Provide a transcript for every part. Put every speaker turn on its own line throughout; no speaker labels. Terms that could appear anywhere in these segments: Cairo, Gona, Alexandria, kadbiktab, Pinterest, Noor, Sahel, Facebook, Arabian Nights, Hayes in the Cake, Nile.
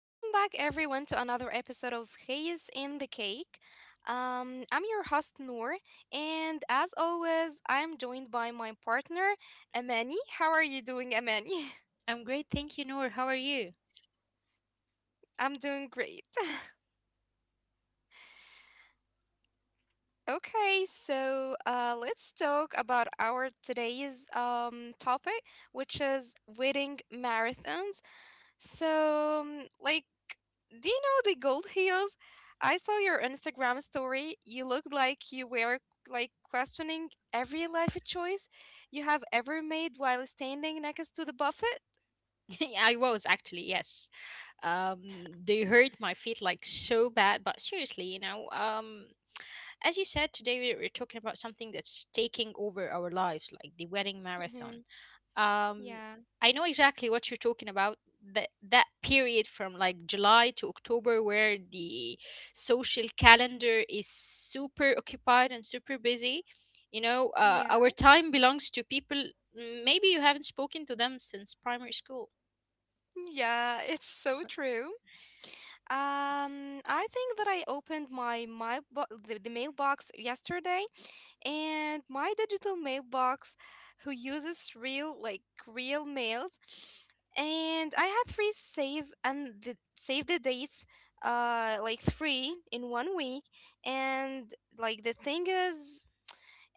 Welcome back, everyone, to another episode of Hayes in the Cake. I'm your host, Noor, and as always, I'm joined by my partner, Amani. How are you doing, Amani?
I'm great, thank you, Noor. How are you?
I'm doing great. Okay, so let's talk about our today's topic, which is wedding marathons. So, do you know the gold heels? I saw your Instagram story. You looked like you were like questioning every life choice you have ever made while standing next to the buffet.
I was actually, yes. They hurt my feet like so bad, but seriously, as you said, today we're talking about something that's taking over our lives, like the wedding marathon.
hmm
Um,
Yeah,
I know exactly what you're talking about. That period from like July to October, where the social calendar is super occupied and super busy. Our
yeah,
time belongs to people. Maybe you haven't spoken to them since primary school.
yeah. It's so true. I think that I opened my the mailbox yesterday, and my digital mailbox, who uses real like real mails, and I had three save and the, save the dates, uh, like three in 1 week. And like the thing is,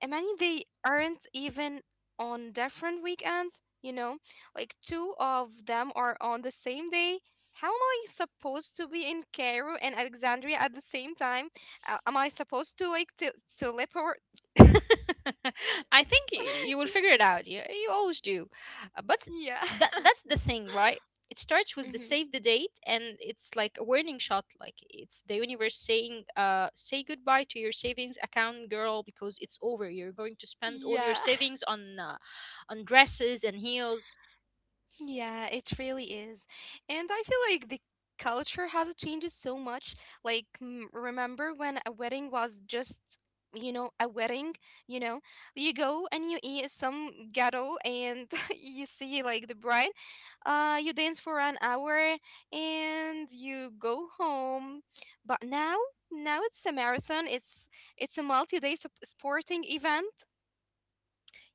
I mean, they aren't even on different weekends, you know, like two of them are on the same day. How am I supposed to be in Cairo and Alexandria at the same time? Am I supposed to like to teleport?
I think you will figure it out. You always do. But
Yeah.
that's the thing, right? It starts with the
hmm
save the date, and it's like a warning shot. Like it's the universe saying, "Say goodbye to your savings account, girl, because it's over. You're going to spend all your
Yeah.
savings on dresses and heels."
Yeah, it really is. And I feel like the culture has changed so much. Like, remember when a wedding was just, you know, a wedding, you know, you go and you eat some ghetto and you see like the bride, you dance for an hour and you go home. But now, now it's a marathon. It's a sporting event.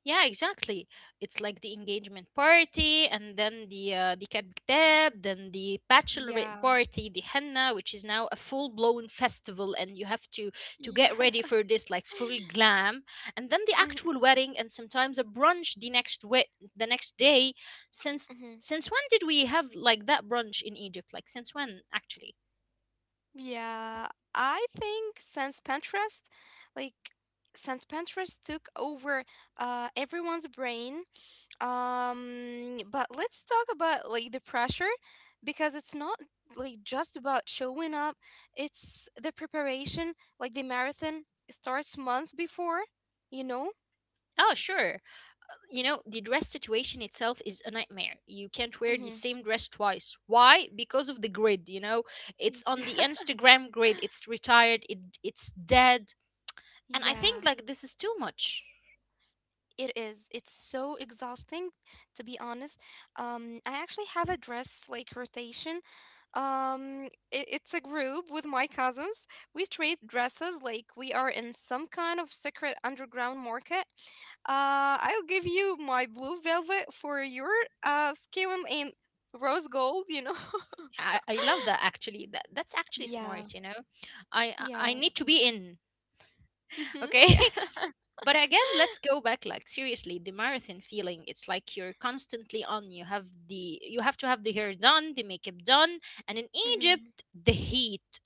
Yeah, exactly. It's like the engagement party, and then the kadbiktab, then the bachelorette
Yeah.
party, the henna, which is now a full blown festival, and you have to get
Yeah.
ready for this like full glam, and then the
Mhm,
actual wedding, and sometimes a brunch the the next day. Since
mhm.
since when did we have like that brunch in Egypt? Like since when actually?
Yeah, I think since Pinterest, like since Pinterest took over everyone's brain, but let's talk about like the pressure, because it's not like just about showing up, it's the preparation. Like the marathon starts months before, you know?
Oh, sure. You know, the dress situation itself is a nightmare. You can't wear the
Mm-hmm.
same dress twice. Why? Because of the grid, you know, it's on the Instagram grid. It's retired. It's dead, and I think
Yeah.
like this is too much.
It is. It's so exhausting, to be honest. I actually have a dress like rotation. It's a group with my cousins. We trade dresses like we are in some kind of secret underground market. I'll give you my blue velvet for your skin in rose gold. You know.
I love that actually. That's actually
Yeah.
smart, you know, I
Yeah.
need to be in.
Mm-hmm.
Okay.
Yeah.
But again, let's go back. Like, seriously, the marathon feeling, it's like you're constantly on. You have the, you have to have the hair done, the makeup done, and in
Mm-hmm.
Egypt, the heat,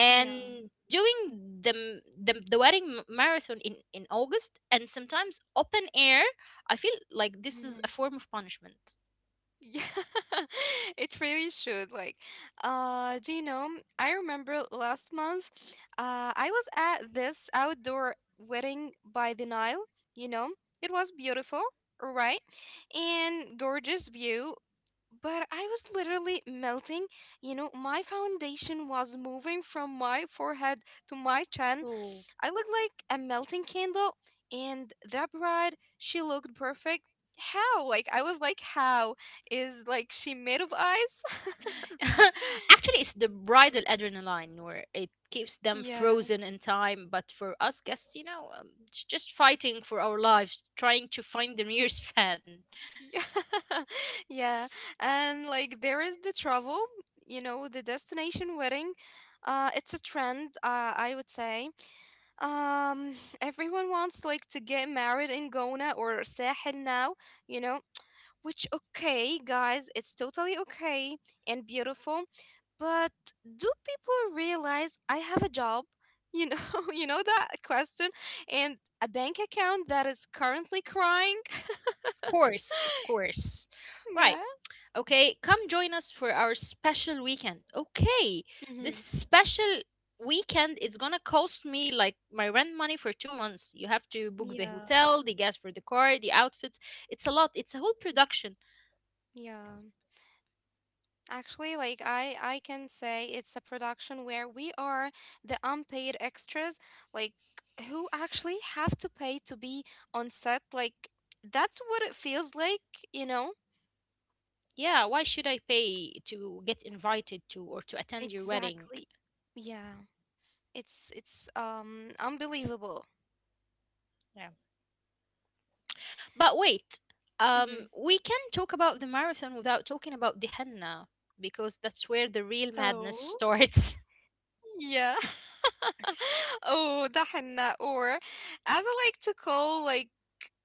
Yeah.
doing the the wedding marathon in August, and sometimes open air, I feel like this is a form of punishment.
Yeah, it really should. Like, do you know? I remember last month, I was at this outdoor wedding by the Nile. You know, it was beautiful, right? And gorgeous view. But I was literally melting. You know, my foundation was moving from my forehead to my chin.
Oh,
I looked like a melting candle, and that bride, she looked perfect. How? Like, I was like, how? Is like she made of ice?
actually, it's the bridal adrenaline where it keeps them
Yeah.
frozen in time, but for us guests, it's just fighting for our lives, trying to find the nearest fan. Of
Yeah. Yeah. And like there is the travel, you know, the destination wedding. Uh, it's a trend, I would say. Um everyone wants like to get married in Gona or Sahel now, you know. Which, okay, guys, it's totally okay and beautiful. But do people realize I have a job? You know, you know that question? And a bank account that is currently crying?
course, of course. Right.
Yeah.
Okay, come join us for our special weekend. Okay,
hmm
this special weekend is gonna cost me like my rent money for two months. You have to book the
Yeah,
hotel, the gas for the car, the outfits. It's a lot, it's a whole production.
yeah.
It's-
Actually, like I can say it's a production where we are the unpaid extras, like who actually have to pay to be on set. Like that's what it feels like, you know?
Yeah, why should I pay to get invited to or to attend your wedding?
Exactly. Yeah. It's unbelievable.
Yeah. But wait,
Mm-hmm.
we can talk about the marathon without talking about the henna, because that's where the real
Oh,
madness starts.
yeah.
Okay.
Oh, دحنا or as I like to call like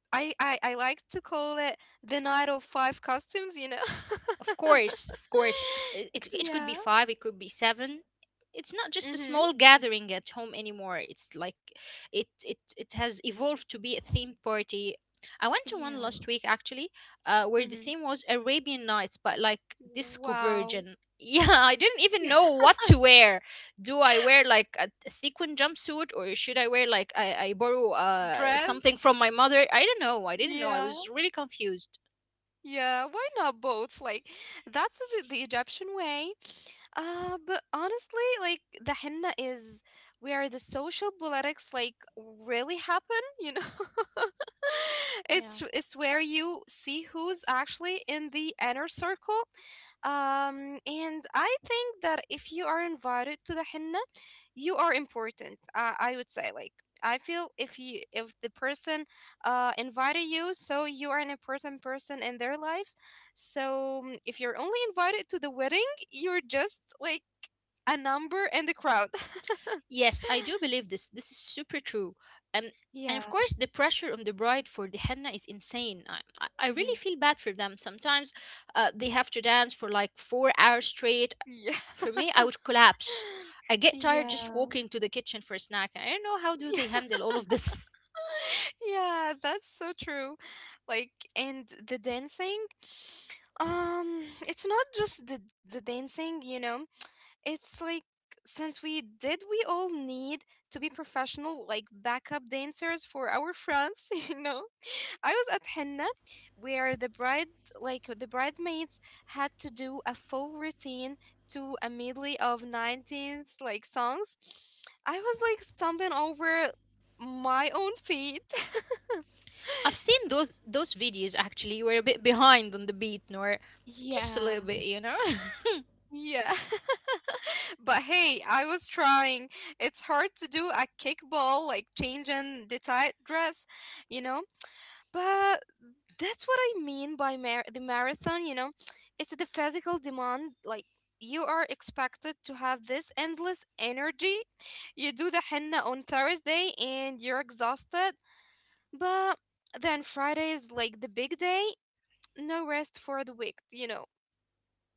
I like to call it the night of five costumes, you know.
Of course, of course. It could be
Yeah.
five, it could be seven. It's not just a
Mhm.
small gathering at home anymore. It's like it has evolved to be a themed party. I went to one last
Yeah.
week actually, where the
Mhm.
theme was Arabian Nights, but like disco
Wow.
version. Yeah, I didn't even know what to wear. Do I wear like a sequin jumpsuit, or should I wear like I borrow something
Dress.
from my mother? I don't know. I didn't know. I
Yeah.
was really confused.
Yeah, why not both? Like, that's the Egyptian way. But honestly, like, the henna is where the social politics, like, really happen, you know? It's where you see who's actually in the inner circle. And I think that if you are invited to the henna, you are important. I would say, like, I feel if you, if the person uh invited you, so you are an important person in their lives. So, if you're only invited to the wedding, you're just like a number in the crowd.
Yes, I do believe this. This is super true. Um,
Yeah.
and of course, the pressure on the bride for the henna is insane. I
hmm
really feel bad for them. Sometimes they have to dance for like four hours straight.
Yeah.
For me, I would collapse. I get tired just
Yeah.
walking to the kitchen for a snack. I don't know how do
Yeah.
they handle all of this.
Yeah, that's so true. Like, and the dancing, it's not just the dancing, you know. It's like since we did we all need to be professional like backup dancers for our friends, you know. I was at henna where the bride, like the bridesmaids, had to do a full routine to a medley of 19th like songs. I was like stumbling over my own feet.
I've seen those videos actually. You were a bit behind on the beat, Nor, just a little
Yeah.
bit, you know.
Yeah. But hey, I was trying. It's hard to do a kickball, like changing the tight dress, you know? But that's what I mean by the marathon, you know? It's the physical demand. Like, you are expected to have this endless energy. You do the henna on Thursday and you're exhausted. But then Friday is like the big day. No rest for the week, you know?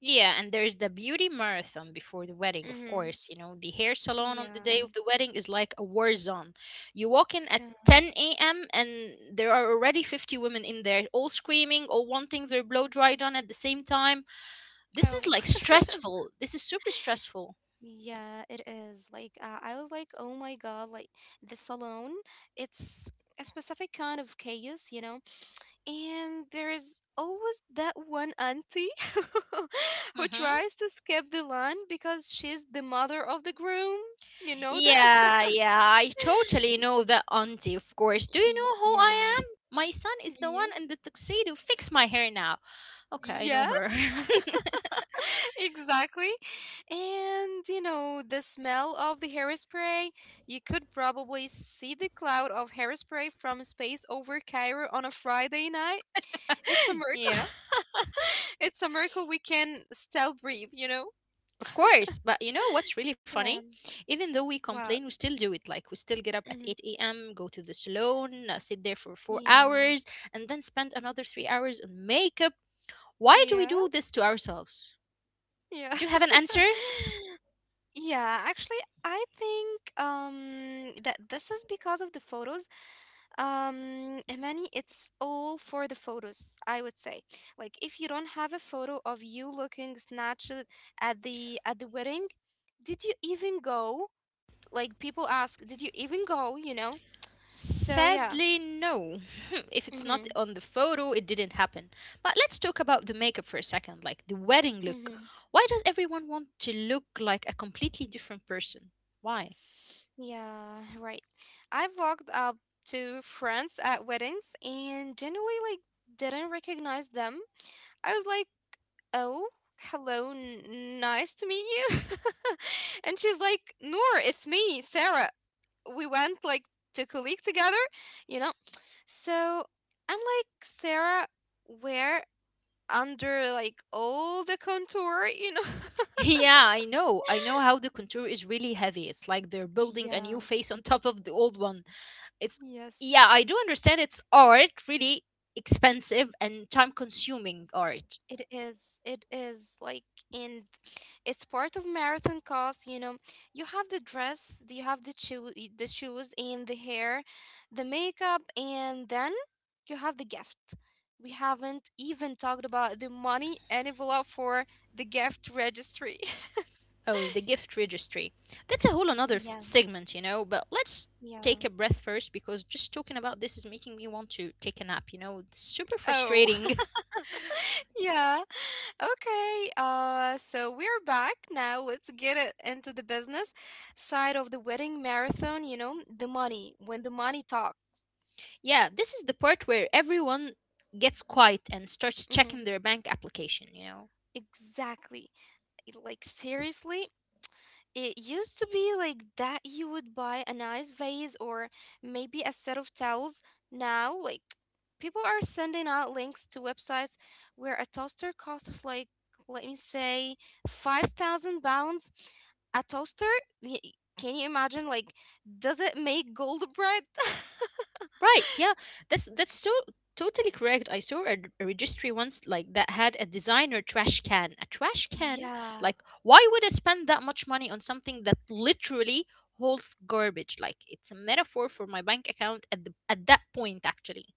Yeah, and there's the beauty marathon before the wedding, of
Mm-hmm.
course. You know, the hair salon
Yeah.
on the day of the wedding is like a war zone. You walk in
Yeah.
at 10 a.m., and there are already 50 women in there, all screaming, all wanting their blow dry done at the same time. This is
Oh.
like stressful. This is super stressful.
Yeah, it is. Like I was like, oh my god, like the salon, it's a specific kind of chaos, you know? And there is always that one auntie who
Mm-hmm.
tries to skip the line because she's the mother of the groom. You know that?
Yeah, yeah, I totally know that auntie, of course. Do you know who
Yeah.
I am? My son is the
Yeah.
one in the tuxedo. Fix my hair now. Okay, I know her.
Yes. exactly. And you know, the smell of the hairspray, you could probably see the cloud of hairspray from space over Cairo on a Friday night. It's a
Yeah.
miracle. it's a miracle we can still breathe, you know?
Of course, but you know what's really
Yeah.
funny? Even though we
Well,
complain, we still do it. Like, we still get up
mhm.
at 8 a.m., go to the salon, sit there for four
Yeah.
hours, and then spend another three hours on makeup. Why do we
Yeah.
do this to ourselves?
Yeah.
Do you have an answer?
Yeah, actually, I think that this is because of the photos. Imani, it's all for the photos, I would say. Like if you don't have a photo of you looking snatched at the wedding, did you even go? Like people ask, did you even go, you know? So yeah.
Sadly, no. If it's not
Mhm.
on the photo, it didn't happen. But let's talk about the makeup for a second, like the wedding look.
Mhm.
Why does everyone want to look like a completely different person? Why?
Yeah, right. I've walked up to friends at weddings and generally like didn't recognize them. I was like, "Oh, hello, nice to meet you." And she's like, "Noor, it's me, Sarah. We went like to colleague together, you know." So I'm like, "Sarah, where under like all the contour, you know?"
Yeah, I know. I know how the contour is really heavy. It's like they're building a
Yeah.
new face on top of the old one. It's, yeah, I
Yes.
do understand it's art, really expensive and time consuming art.
It is like, and it's part of marathon cost. You know, you have the dress, you have the shoes, and the hair, the makeup, and then you have the gift. We haven't even talked about the money envelope for the gift registry.
Oh, the gift registry. That's a whole another
Yeah,
segment, you know, but let's
yeah.
take a breath first, because just talking about this is making me want to take a nap, you know. It's super
Oh,
frustrating.
yeah. Okay. So we're back now. Let's get it into the business side of the wedding marathon. You know, the money. When the money talks.
Yeah, this is the part where everyone gets quiet and starts
Mm-hmm.
checking their bank application, you know.
Exactly. Like, seriously, it used to be like that you would buy a nice vase or maybe a set of towels. Now, like, people are sending out links to websites where a toaster costs like, let me say, 5,000 pounds. A toaster? Y- Can you imagine? Like, does it make gold bread?
Right, yeah. That's so totally correct. I saw a registry once like that had a designer trash can. A trash can?
Yeah.
Like, why would I spend that much money on something that literally holds garbage? Like, it's a metaphor for my bank account at the at that point actually.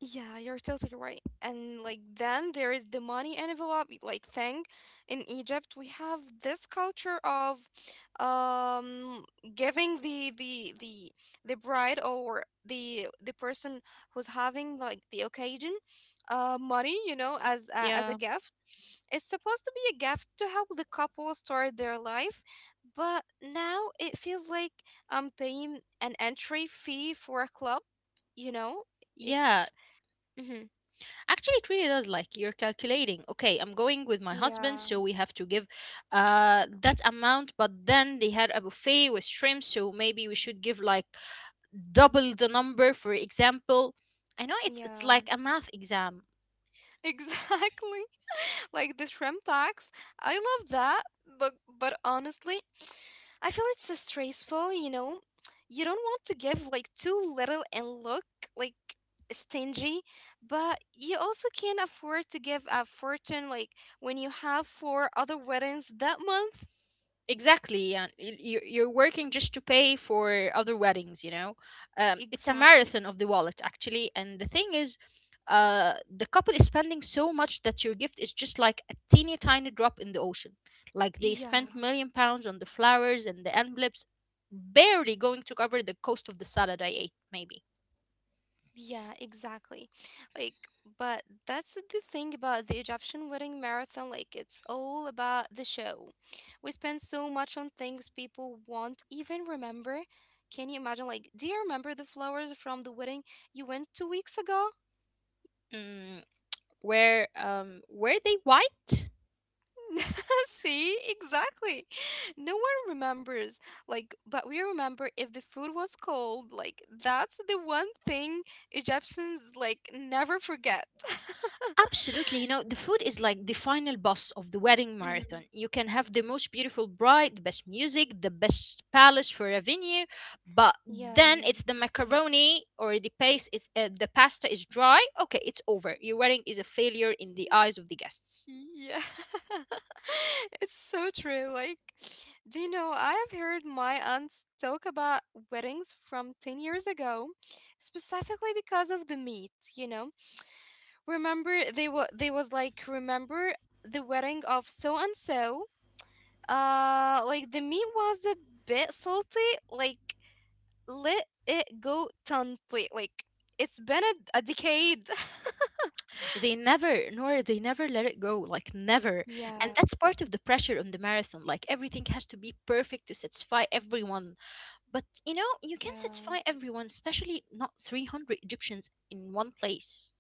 Yeah, you're totally right. And like then there is the money envelope like thing. In Egypt, we have this culture of um giving the bride or the person who's having like the occasion money, you know, as a
Yeah.
gift. It's supposed to be a gift to help the couple start their life, but now it feels like I'm paying an entry fee for a club, you know?
Yeah,
Mm-hmm.
actually, it really does. Like, you're calculating, okay, I'm going with my husband,
Yeah,
so we have to give that amount. But then they had a buffet with shrimp, so maybe we should give like double the number, for example. I know, it's
yeah,
like a math exam.
exactly. Like the shrimp tax. I love that, but honestly, I feel it's stressful, you know. You don't want to give like too little and look like stingy, but you also can't afford to give a fortune like when you have 4 other weddings that month.
Exactly, yeah. You're working just to pay for other weddings, you know. It's a
Exactly.
marathon of the wallet actually, and the thing is, the couple is spending so much that your gift is just like a teeny tiny drop in the ocean. Like, they spent
Yeah.
million pounds on the flowers, and the envelopes barely going to cover the cost of the salad I ate, maybe.
Yeah, exactly. Like, but that's the thing about the Egyptian wedding marathon. Like, it's all about the show. We spend so much on things people won't even remember. Can you imagine? Like, do you remember the flowers from the wedding you went 2 weeks ago?
Mm, were were they white?
See, exactly. No one remembers. Like, but we remember if the food was cold. Like, that's the one thing Egyptians like never forget.
Absolutely. You know, the food is like the final boss of the wedding
hmm
marathon. You can have the most beautiful bride, the best music, the best palace for a venue, but then
Yeah.
it's the macaroni or the paste, it, the pasta is dry. Okay, it's over. Your wedding is a failure in the eyes of the guests.
Yeah. It's so true. Like, do you know, I've heard my aunts talk about weddings from 10 years ago, specifically because of the meat, you know? Remember they were they was like, remember the wedding of so and so? Like the meat was a bit salty, like let it go tantly. Like it's been a decade.
They never, Nor, they never let it go, like never. And
Yeah,
that's part of the pressure on the marathon. Like, everything has to be perfect to satisfy everyone. But you know, you can
yeah.
satisfy everyone, especially not 300 Egyptians in one place.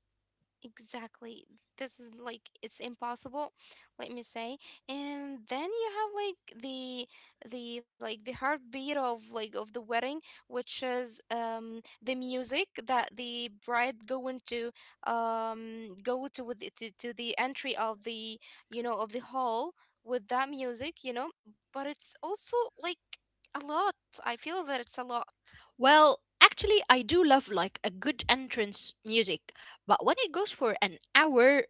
Exactly. This is like it's impossible, let me say. And then you have like the heartbeat of like of the wedding, which is the music that the bride going to go to with to the entry of the you know of the hall with that music, you know. But it's also like a lot. I feel that it's a lot.
Well, actually, I do love like a good entrance music, but when it goes for an hour,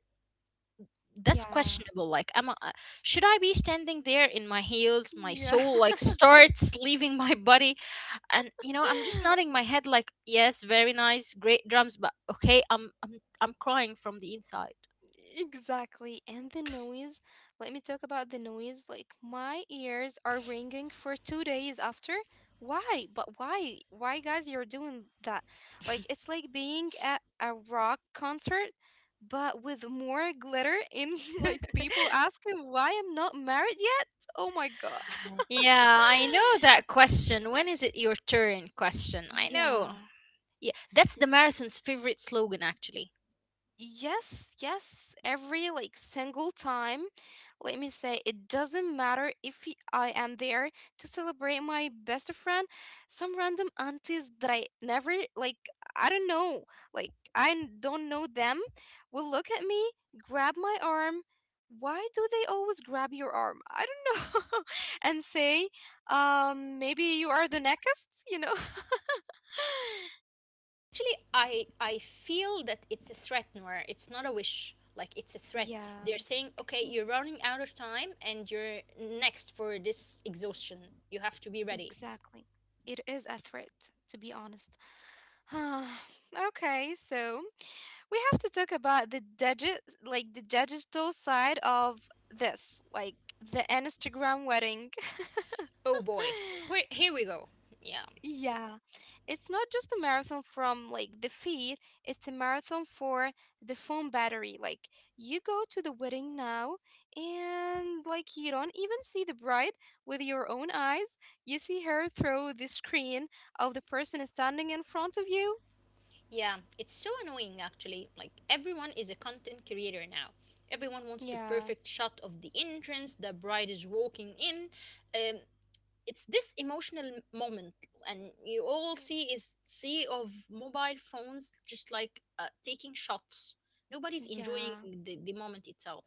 that's
Yeah.
questionable. Like, am I, should I be standing there in my heels? My
Yeah.
soul like starts leaving my body, and you know, I'm just nodding my head like, yes, very nice, great drums, but okay, I'm crying from the inside.
Exactly. And the noise, let me talk about the noise. Like my ears are ringing for 2 days after. Why? But why? Why, guys, you're doing that? Like it's like being at a rock concert, but with more glitter and like people asking why I'm not married yet. Oh my God.
Yeah, I know that question. When is it your turn question? I know.
Yeah.
Yeah, that's the marathon's favorite slogan actually.
Yes, yes, every like single time. Let me say, it doesn't matter if I am there to celebrate my best friend, some random aunties that I never like, I don't know, like I don't know them, will look at me, grab my arm. Why do they always grab your arm? I don't know. And say, maybe you are the next,
Actually, I feel that it's a threat, Noir. It's not a wish. Like, it's a threat.
Yeah.
They're saying, "Okay,
Mm,
you're running out of time, and you're next for this exhaustion. You have to be ready."
exactly. It is a threat, to be honest. Ah, okay, so we have to talk about the like the digital side of this, like the Instagram wedding.
Oh boy. Here we go. Yeah.
Yeah. It's not just a marathon from like the feed, it's a marathon for the phone battery. Like you go to the wedding now and like you don't even see the bride with your own eyes. You see her through the screen of the person standing in front of you.
Yeah, it's so annoying actually. Like, everyone is a content creator now. Everyone wants the
Yeah.
perfect shot of the entrance, the bride is walking in. Um, it's this emotional moment, and you all
Mm.
see is sea of mobile phones just like taking shots. Nobody's enjoying
Yeah.
the moment itself.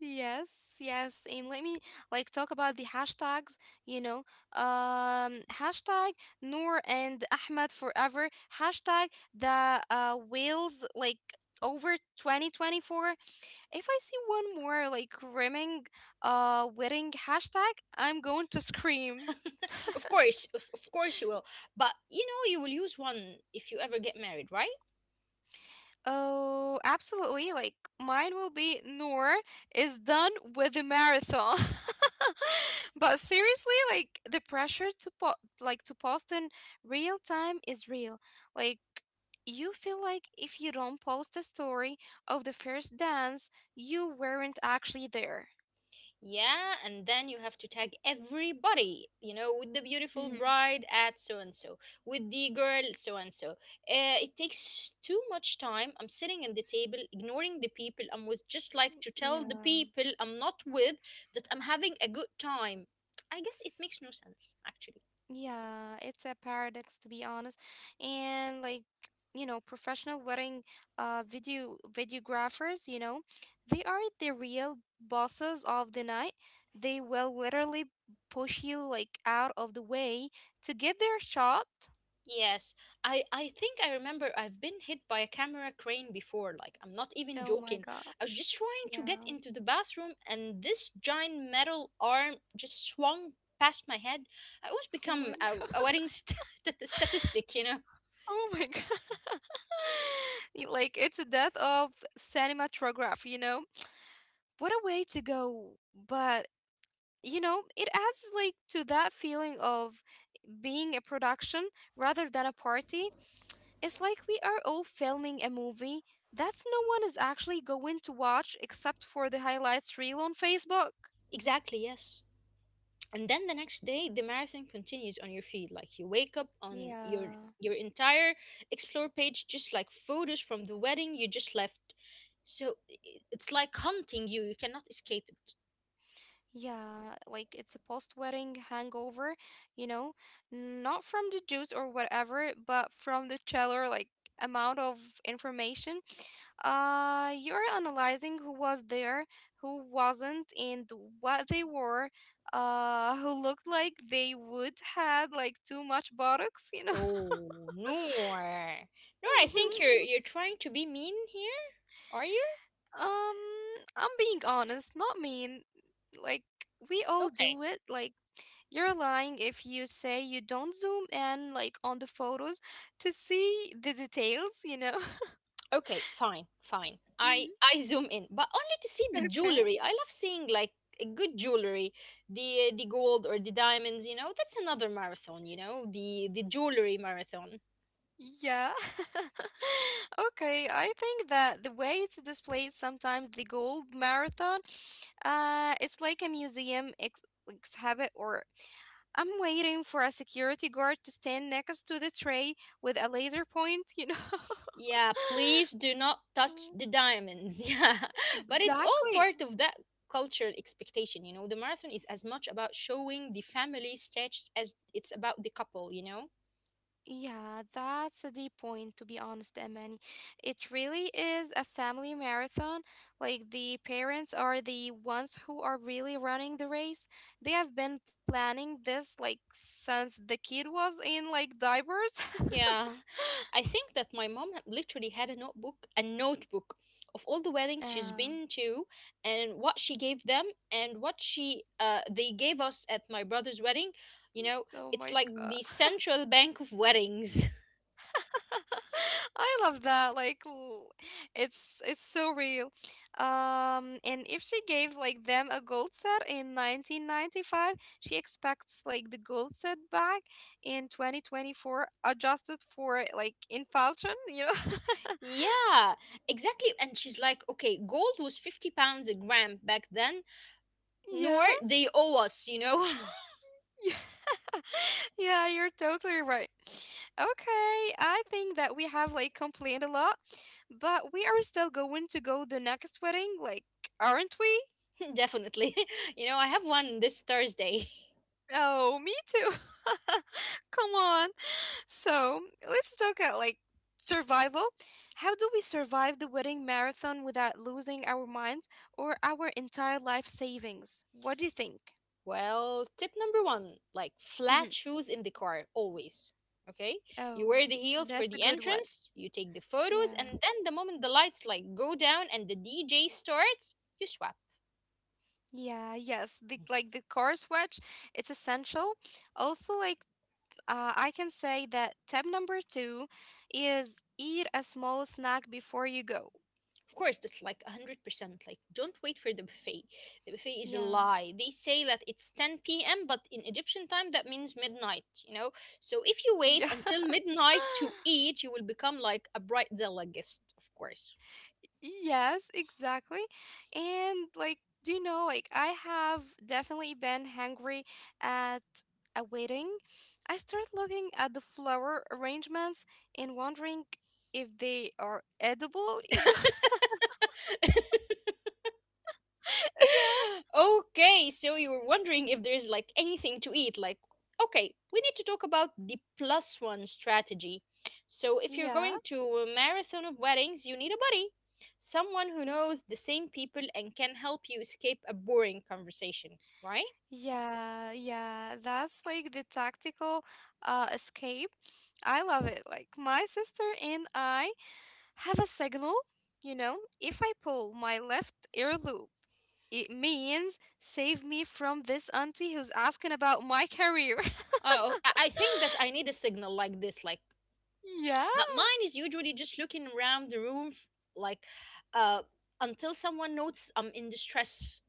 Yes, yes. And let me like talk about the hashtags, you know. Hashtag Noor and Ahmed forever. Hashtag the whales like over 2024. If I see one more like rimming wedding hashtag, I'm going to scream.
Of course, of course you will. But you know you will use one if you ever get married, right?
Oh, absolutely. Like mine will be Noor is done with the marathon. But seriously, like the pressure to po like to post in real time is real. Like you feel like if you don't post a story of the first dance, you weren't actually there.
Yeah, and then you have to tag everybody, you know, with the
Mhm.
beautiful bride at so and so, with the girl so and so. It takes too much time. I'm sitting at the table, ignoring the people I'm with, just like to tell the
Yeah.
people I'm not with that I'm having a good time. I guess it makes no sense, actually.
Yeah, it's a paradox to be honest. And like, you know, professional wedding videographers, you know, they are the real bosses of the night. They will literally push you like out of the way to get their shot.
Yes, I think I remember I've been hit by a camera crane before. Like, I'm not even
Oh my
joking.
God.
I was just trying to get
Yeah.
into the bathroom, and this giant metal arm just swung past my head. I almost
Oh my
become a,
God.
a wedding statistic, you know?
Oh my God. Like it's a death of cinematograph, you know? What a way to go. But you know, it adds like to that feeling of being a production rather than a party. It's like we are all filming a movie that's no one is actually going to watch except for the highlights reel on Facebook.
Exactly, yes. And then the next day, the marathon continues on your feed. Like, you wake up on
Yeah.
your entire explore page just like photos from the wedding you just left. So i- it's like haunting you. You cannot escape it.
Yeah, like it's a post-wedding hangover, you know, not from the juice or whatever, but from the chiller, like amount of information. You're analyzing who was there, who wasn't, and what they wore, who looked like they would had like too much buttocks.
Oh, no. Eh. No, I think you're trying to be mean here, are you?
Um, I'm being honest, not mean. Like we all
Okay.
do it, like You're lying if you say you don't zoom in like on the photos to see the details,
Okay, fine, fine. I
Mhm.
I zoom in, but only to see the
Okay.
jewelry. I love seeing like a good jewelry, the gold or the diamonds, you know. That's another marathon, the jewelry marathon.
Yeah. Okay, I think that the way it's displayed sometimes the gold marathon, it's like a museum ex exhibit or I'm waiting for a security guard to stand next to the tray with a laser point,
Yeah, please do not touch
Mm.
the diamonds. Yeah. But it's all
Exactly.
part of that cultural expectation, you know, the marathon is as much about showing the family stitched as it's about the couple, you know.
Yeah, that's a deep point, to be honest, Amani. It really is a family marathon. Like, the parents are the ones who are really running the race. They have been planning this, like, since the kid was in, like, diapers.
Yeah, I think that my mom literally had a notebook of all the weddings she's
Yeah.
been to and what she gave them and what she they gave us at my brother's wedding. You know,
Oh
it's
my
like
God.
the central bank of weddings.
I love that. It's so real. And if she gave like them a gold set in 1995, she expects like the gold set back in 2024 adjusted for like inflation, you know.
Yeah, exactly. And she's like, okay, gold was 50 pounds a gram back then, nor
Yeah.
they owe us, you know?
Yeah. Yeah, you're totally right. Okay, I think that we have like complained a lot, but we are still going to go the next wedding, like, aren't we?
Definitely. You know, I have one this Thursday.
Oh, me too. Come on. So let's talk about like survival. How do we survive the wedding marathon without losing our minds or our entire life savings? What do you think?
Well, tip number one, like
Hmm.
flat shoes in the car, always. Okay? You
Oh,
wear the heels for
that's a
the
good one.
entrance, you take the photos,
Yeah.
and then the moment the lights like go down and the DJ starts, you swap.
Yeah, yes. Like the car switch, it's essential. Also, like I can say that tab number two is eat a small snack before you go.
Of course, that's like 100%. Like, don't wait for the buffet. The buffet is a
Yeah.
lie. They say that it's 10 p.m., but in Egyptian time, that means midnight, you know? So if you
Yeah.
wait until midnight to eat, you will become like a bright Zella guest, of course.
Yes, exactly. And like, do you know, like I have definitely been hungry at a wedding. I start looking at the flower arrangements and wondering if they are edible,
Okay, so you were wondering if there's like anything to eat. Like, okay, we need to talk about the plus one strategy. So,
Yeah.
if you're
Yeah.
going to a marathon of weddings, you need a buddy, someone who knows the same people and can help you escape a boring conversation, right?
Yeah. Yeah. That's like the tactical escape. I love it. Like my sister and I have a signal, you know? If I pull my left ear loop, it means save me from this auntie who's asking about my career.
Oh, I think that I need a signal like this, like,
Yeah?
but mine is usually just looking around the room, like, uh, until someone notes I'm in distress.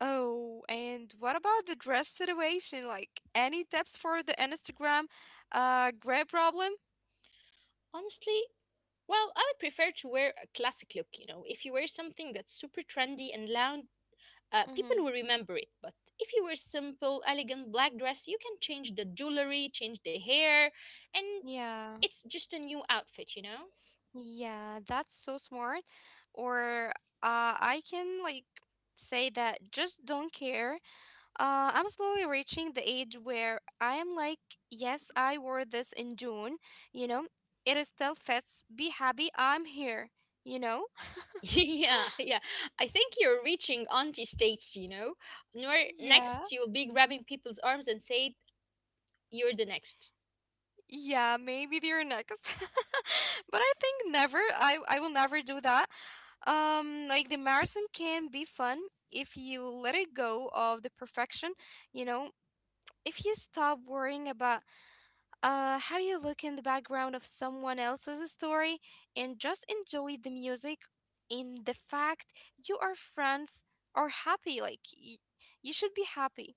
Oh, and what about the dress situation? Like, any tips for the Instagram gray problem?
Honestly, well, I would prefer to wear a classic look, you know. If you wear something that's super trendy and loud,
Mm-hmm.
people will remember it. But if you wear simple, elegant black dress, you can change the jewelry, change the hair, and
Yeah.
it's just a new outfit, you know?
Yeah, that's so smart. Or I can, like, say that just don't care. I'm slowly reaching the age where I am like, yes, I wore this in June, you know, it is still fits. Be happy, I'm here, you know?
Yeah, yeah. I think you're reaching auntie stage, you know. Where
Yeah,
next you'll be grabbing people's arms and say, you're the next.
yeah, maybe they're next. But I think never, I will never do that. Like the marathon can be fun if you let it go of the perfection, you know, if you stop worrying about how you look in the background of someone else's story and just enjoy the music in the fact you are friends or happy you should be happy.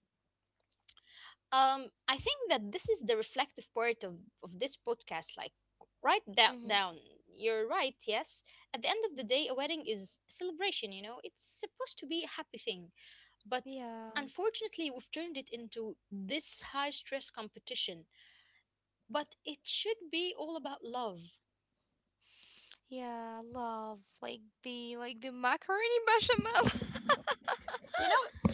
I think that this is the reflective part of this podcast. Like, write that
Mm-hmm.
down. You're right, yes. At the end of the day, a wedding is a celebration, you know. It's supposed to be a happy thing, but
Yeah.
unfortunately we've turned it into this high stress competition, but it should be all about love,
Yeah, love like the macaroni bechamel.
you know.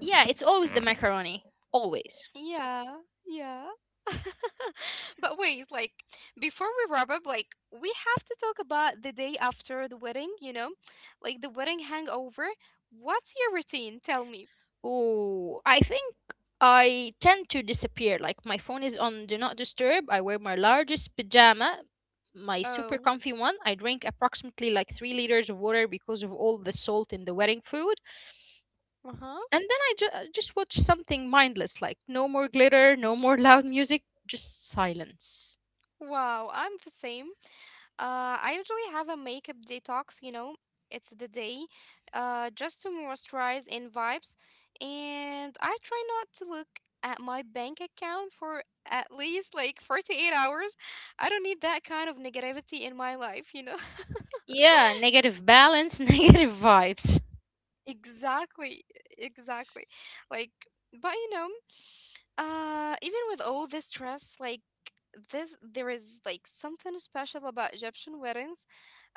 Yeah, it's always the macaroni, always.
Yeah. Yeah. But wait, like before we wrap up, like we have to talk about the day after the wedding, you know, like the wedding hangover. What's your routine? Tell me.
Oh, I think I tend to disappear. Like my phone is on do not disturb. I wear my largest pajama, my super
Oh,
comfy one. I drink approximately like 3 liters of water because of all the salt in the wedding food.
uh-huh.
And then I just watch something mindless, like no more glitter, no more loud music, just silence.
Wow, I'm the same. I usually have a makeup detox, you know, it's the day, just to moisturize and vibes, and I try not to look at my bank account for at least like 48 hours. I don't need that kind of negativity in my life, you know.
Yeah, negative balance, negative vibes.
Exactly, exactly. Like, but you know, even with all this stress, there is like something special about Egyptian weddings.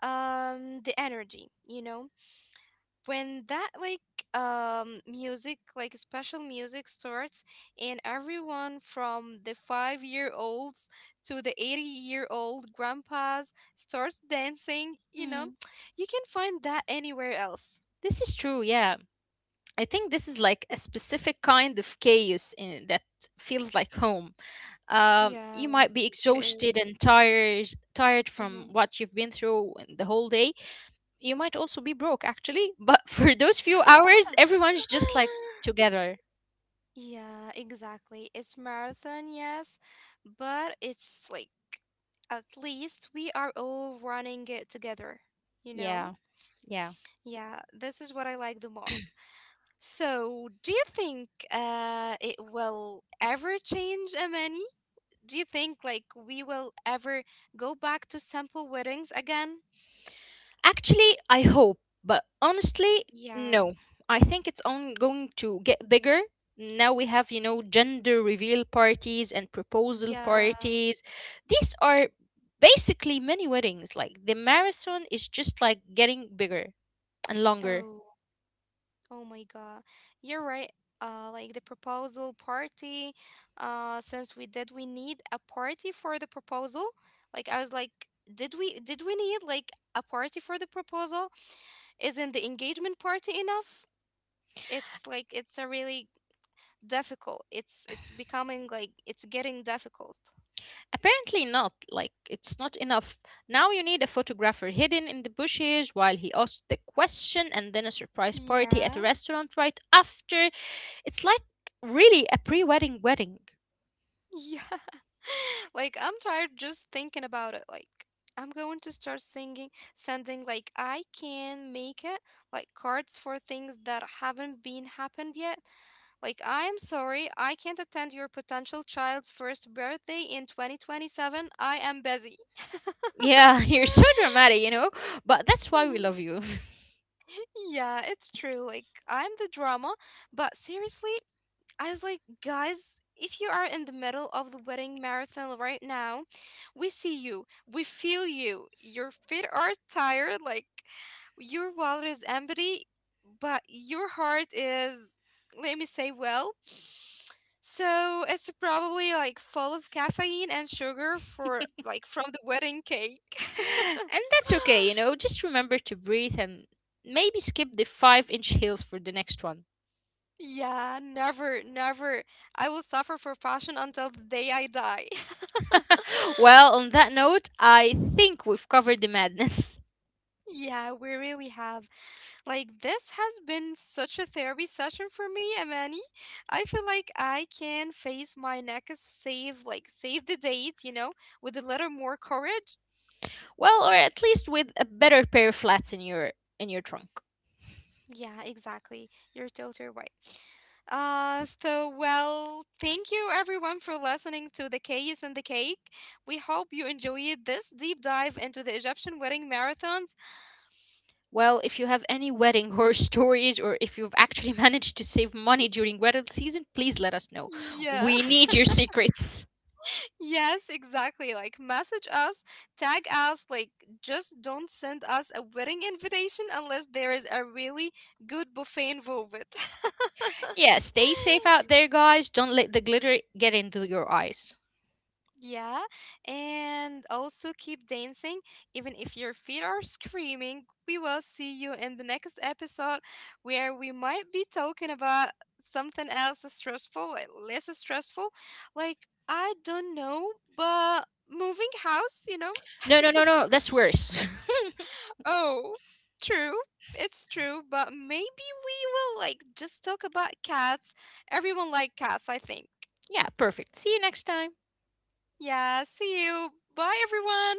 The energy, you know, when that music, like special music starts, and everyone from the 5-year-olds to the 80-year-old grandpas starts dancing. You know,
Hmm.
you can find that anywhere else.
This is true, yeah. I think this is like a specific kind of chaos in, that feels like home. You
Yeah.
might be
It is.
exhausted and tired from
Mm-hmm.
what you've been through in the whole day. You might also be broke actually, but for those few hours everyone's just like together.
Yeah, exactly. It's marathon, yes, but it's like at least we are all running it together, you know?
Yeah, yeah.
Yeah, this is what I like the most. So, do you think it will ever change, Amani? Do you think like we will ever go back to sample weddings again?
Actually, I hope, but honestly
Yeah.
no, I think it's on going to get bigger. Now we have, you know, gender reveal parties and proposal
Yeah.
parties. These are basically mini weddings. Like, the marathon is just like getting bigger and longer.
Oh. Oh my God. You're right. Like the proposal party. Since we need a party for the proposal? Like I was like, did we need like a party for the proposal? Isn't the engagement party enough? It's like it's a really difficult. It's becoming like it's getting difficult.
Apparently not, like, it's not enough. Now you need a photographer hidden in the bushes while he asks the question, and then a surprise party at a
Yeah.
restaurant right after. It's like really a pre wedding wedding.
Yeah. Like I'm tired just thinking about it. Like I'm going to start sending like I can make it, like cards for things that haven't been happened yet. Like I am sorry, I can't attend your potential child's first birthday in 2027. I am busy.
Yeah, you're so dramatic, you know, but that's why we love you.
Yeah, it's true. Like I'm the drama, but seriously, I was like, guys, if you are in the middle of the wedding marathon right now, we see you, we feel you, your feet are tired, like your wallet is empty, but your heart is, let me say, well. So it's probably like full of caffeine and sugar for like from the wedding cake.
And that's okay, you know, just remember to breathe and maybe skip the 5 inch heels for the next one.
Yeah, never, never. I will suffer for fashion until the day I die.
Well, on that note, I think we've covered the madness.
Yeah, we really have. Like, this has been such a therapy session for me, Amani. I feel like I can face my next save, like, save the date, you know, with a little more courage.
Well, or at least with a better pair of flats in your trunk.
Yeah, exactly. You're totally right. Well, thank you everyone for listening to The Case and the Cake. We hope you enjoyed this deep dive into the Egyptian wedding marathons.
Well, if you have any wedding horror stories or if you've actually managed to save money during wedding season, please let us know.
Yeah.
We need your secrets.
Yes, exactly. Like, message us, tag us, like, just don't send us a wedding invitation unless there is a really good buffet involved.
Yeah, stay safe out there, guys. Don't let the glitter get into your eyes.
Yeah, and also keep dancing, even if your feet are screaming. We will see you in the next episode where we might be talking about something else stressful, like, less stressful. Like, I don't know, but moving house, you know.
No, no, no, no. That's worse.
Oh, true. It's true, but maybe we will like just talk about cats. Everyone like cats, I think.
Yeah, perfect. See you next time.
Yeah, see you. Bye everyone.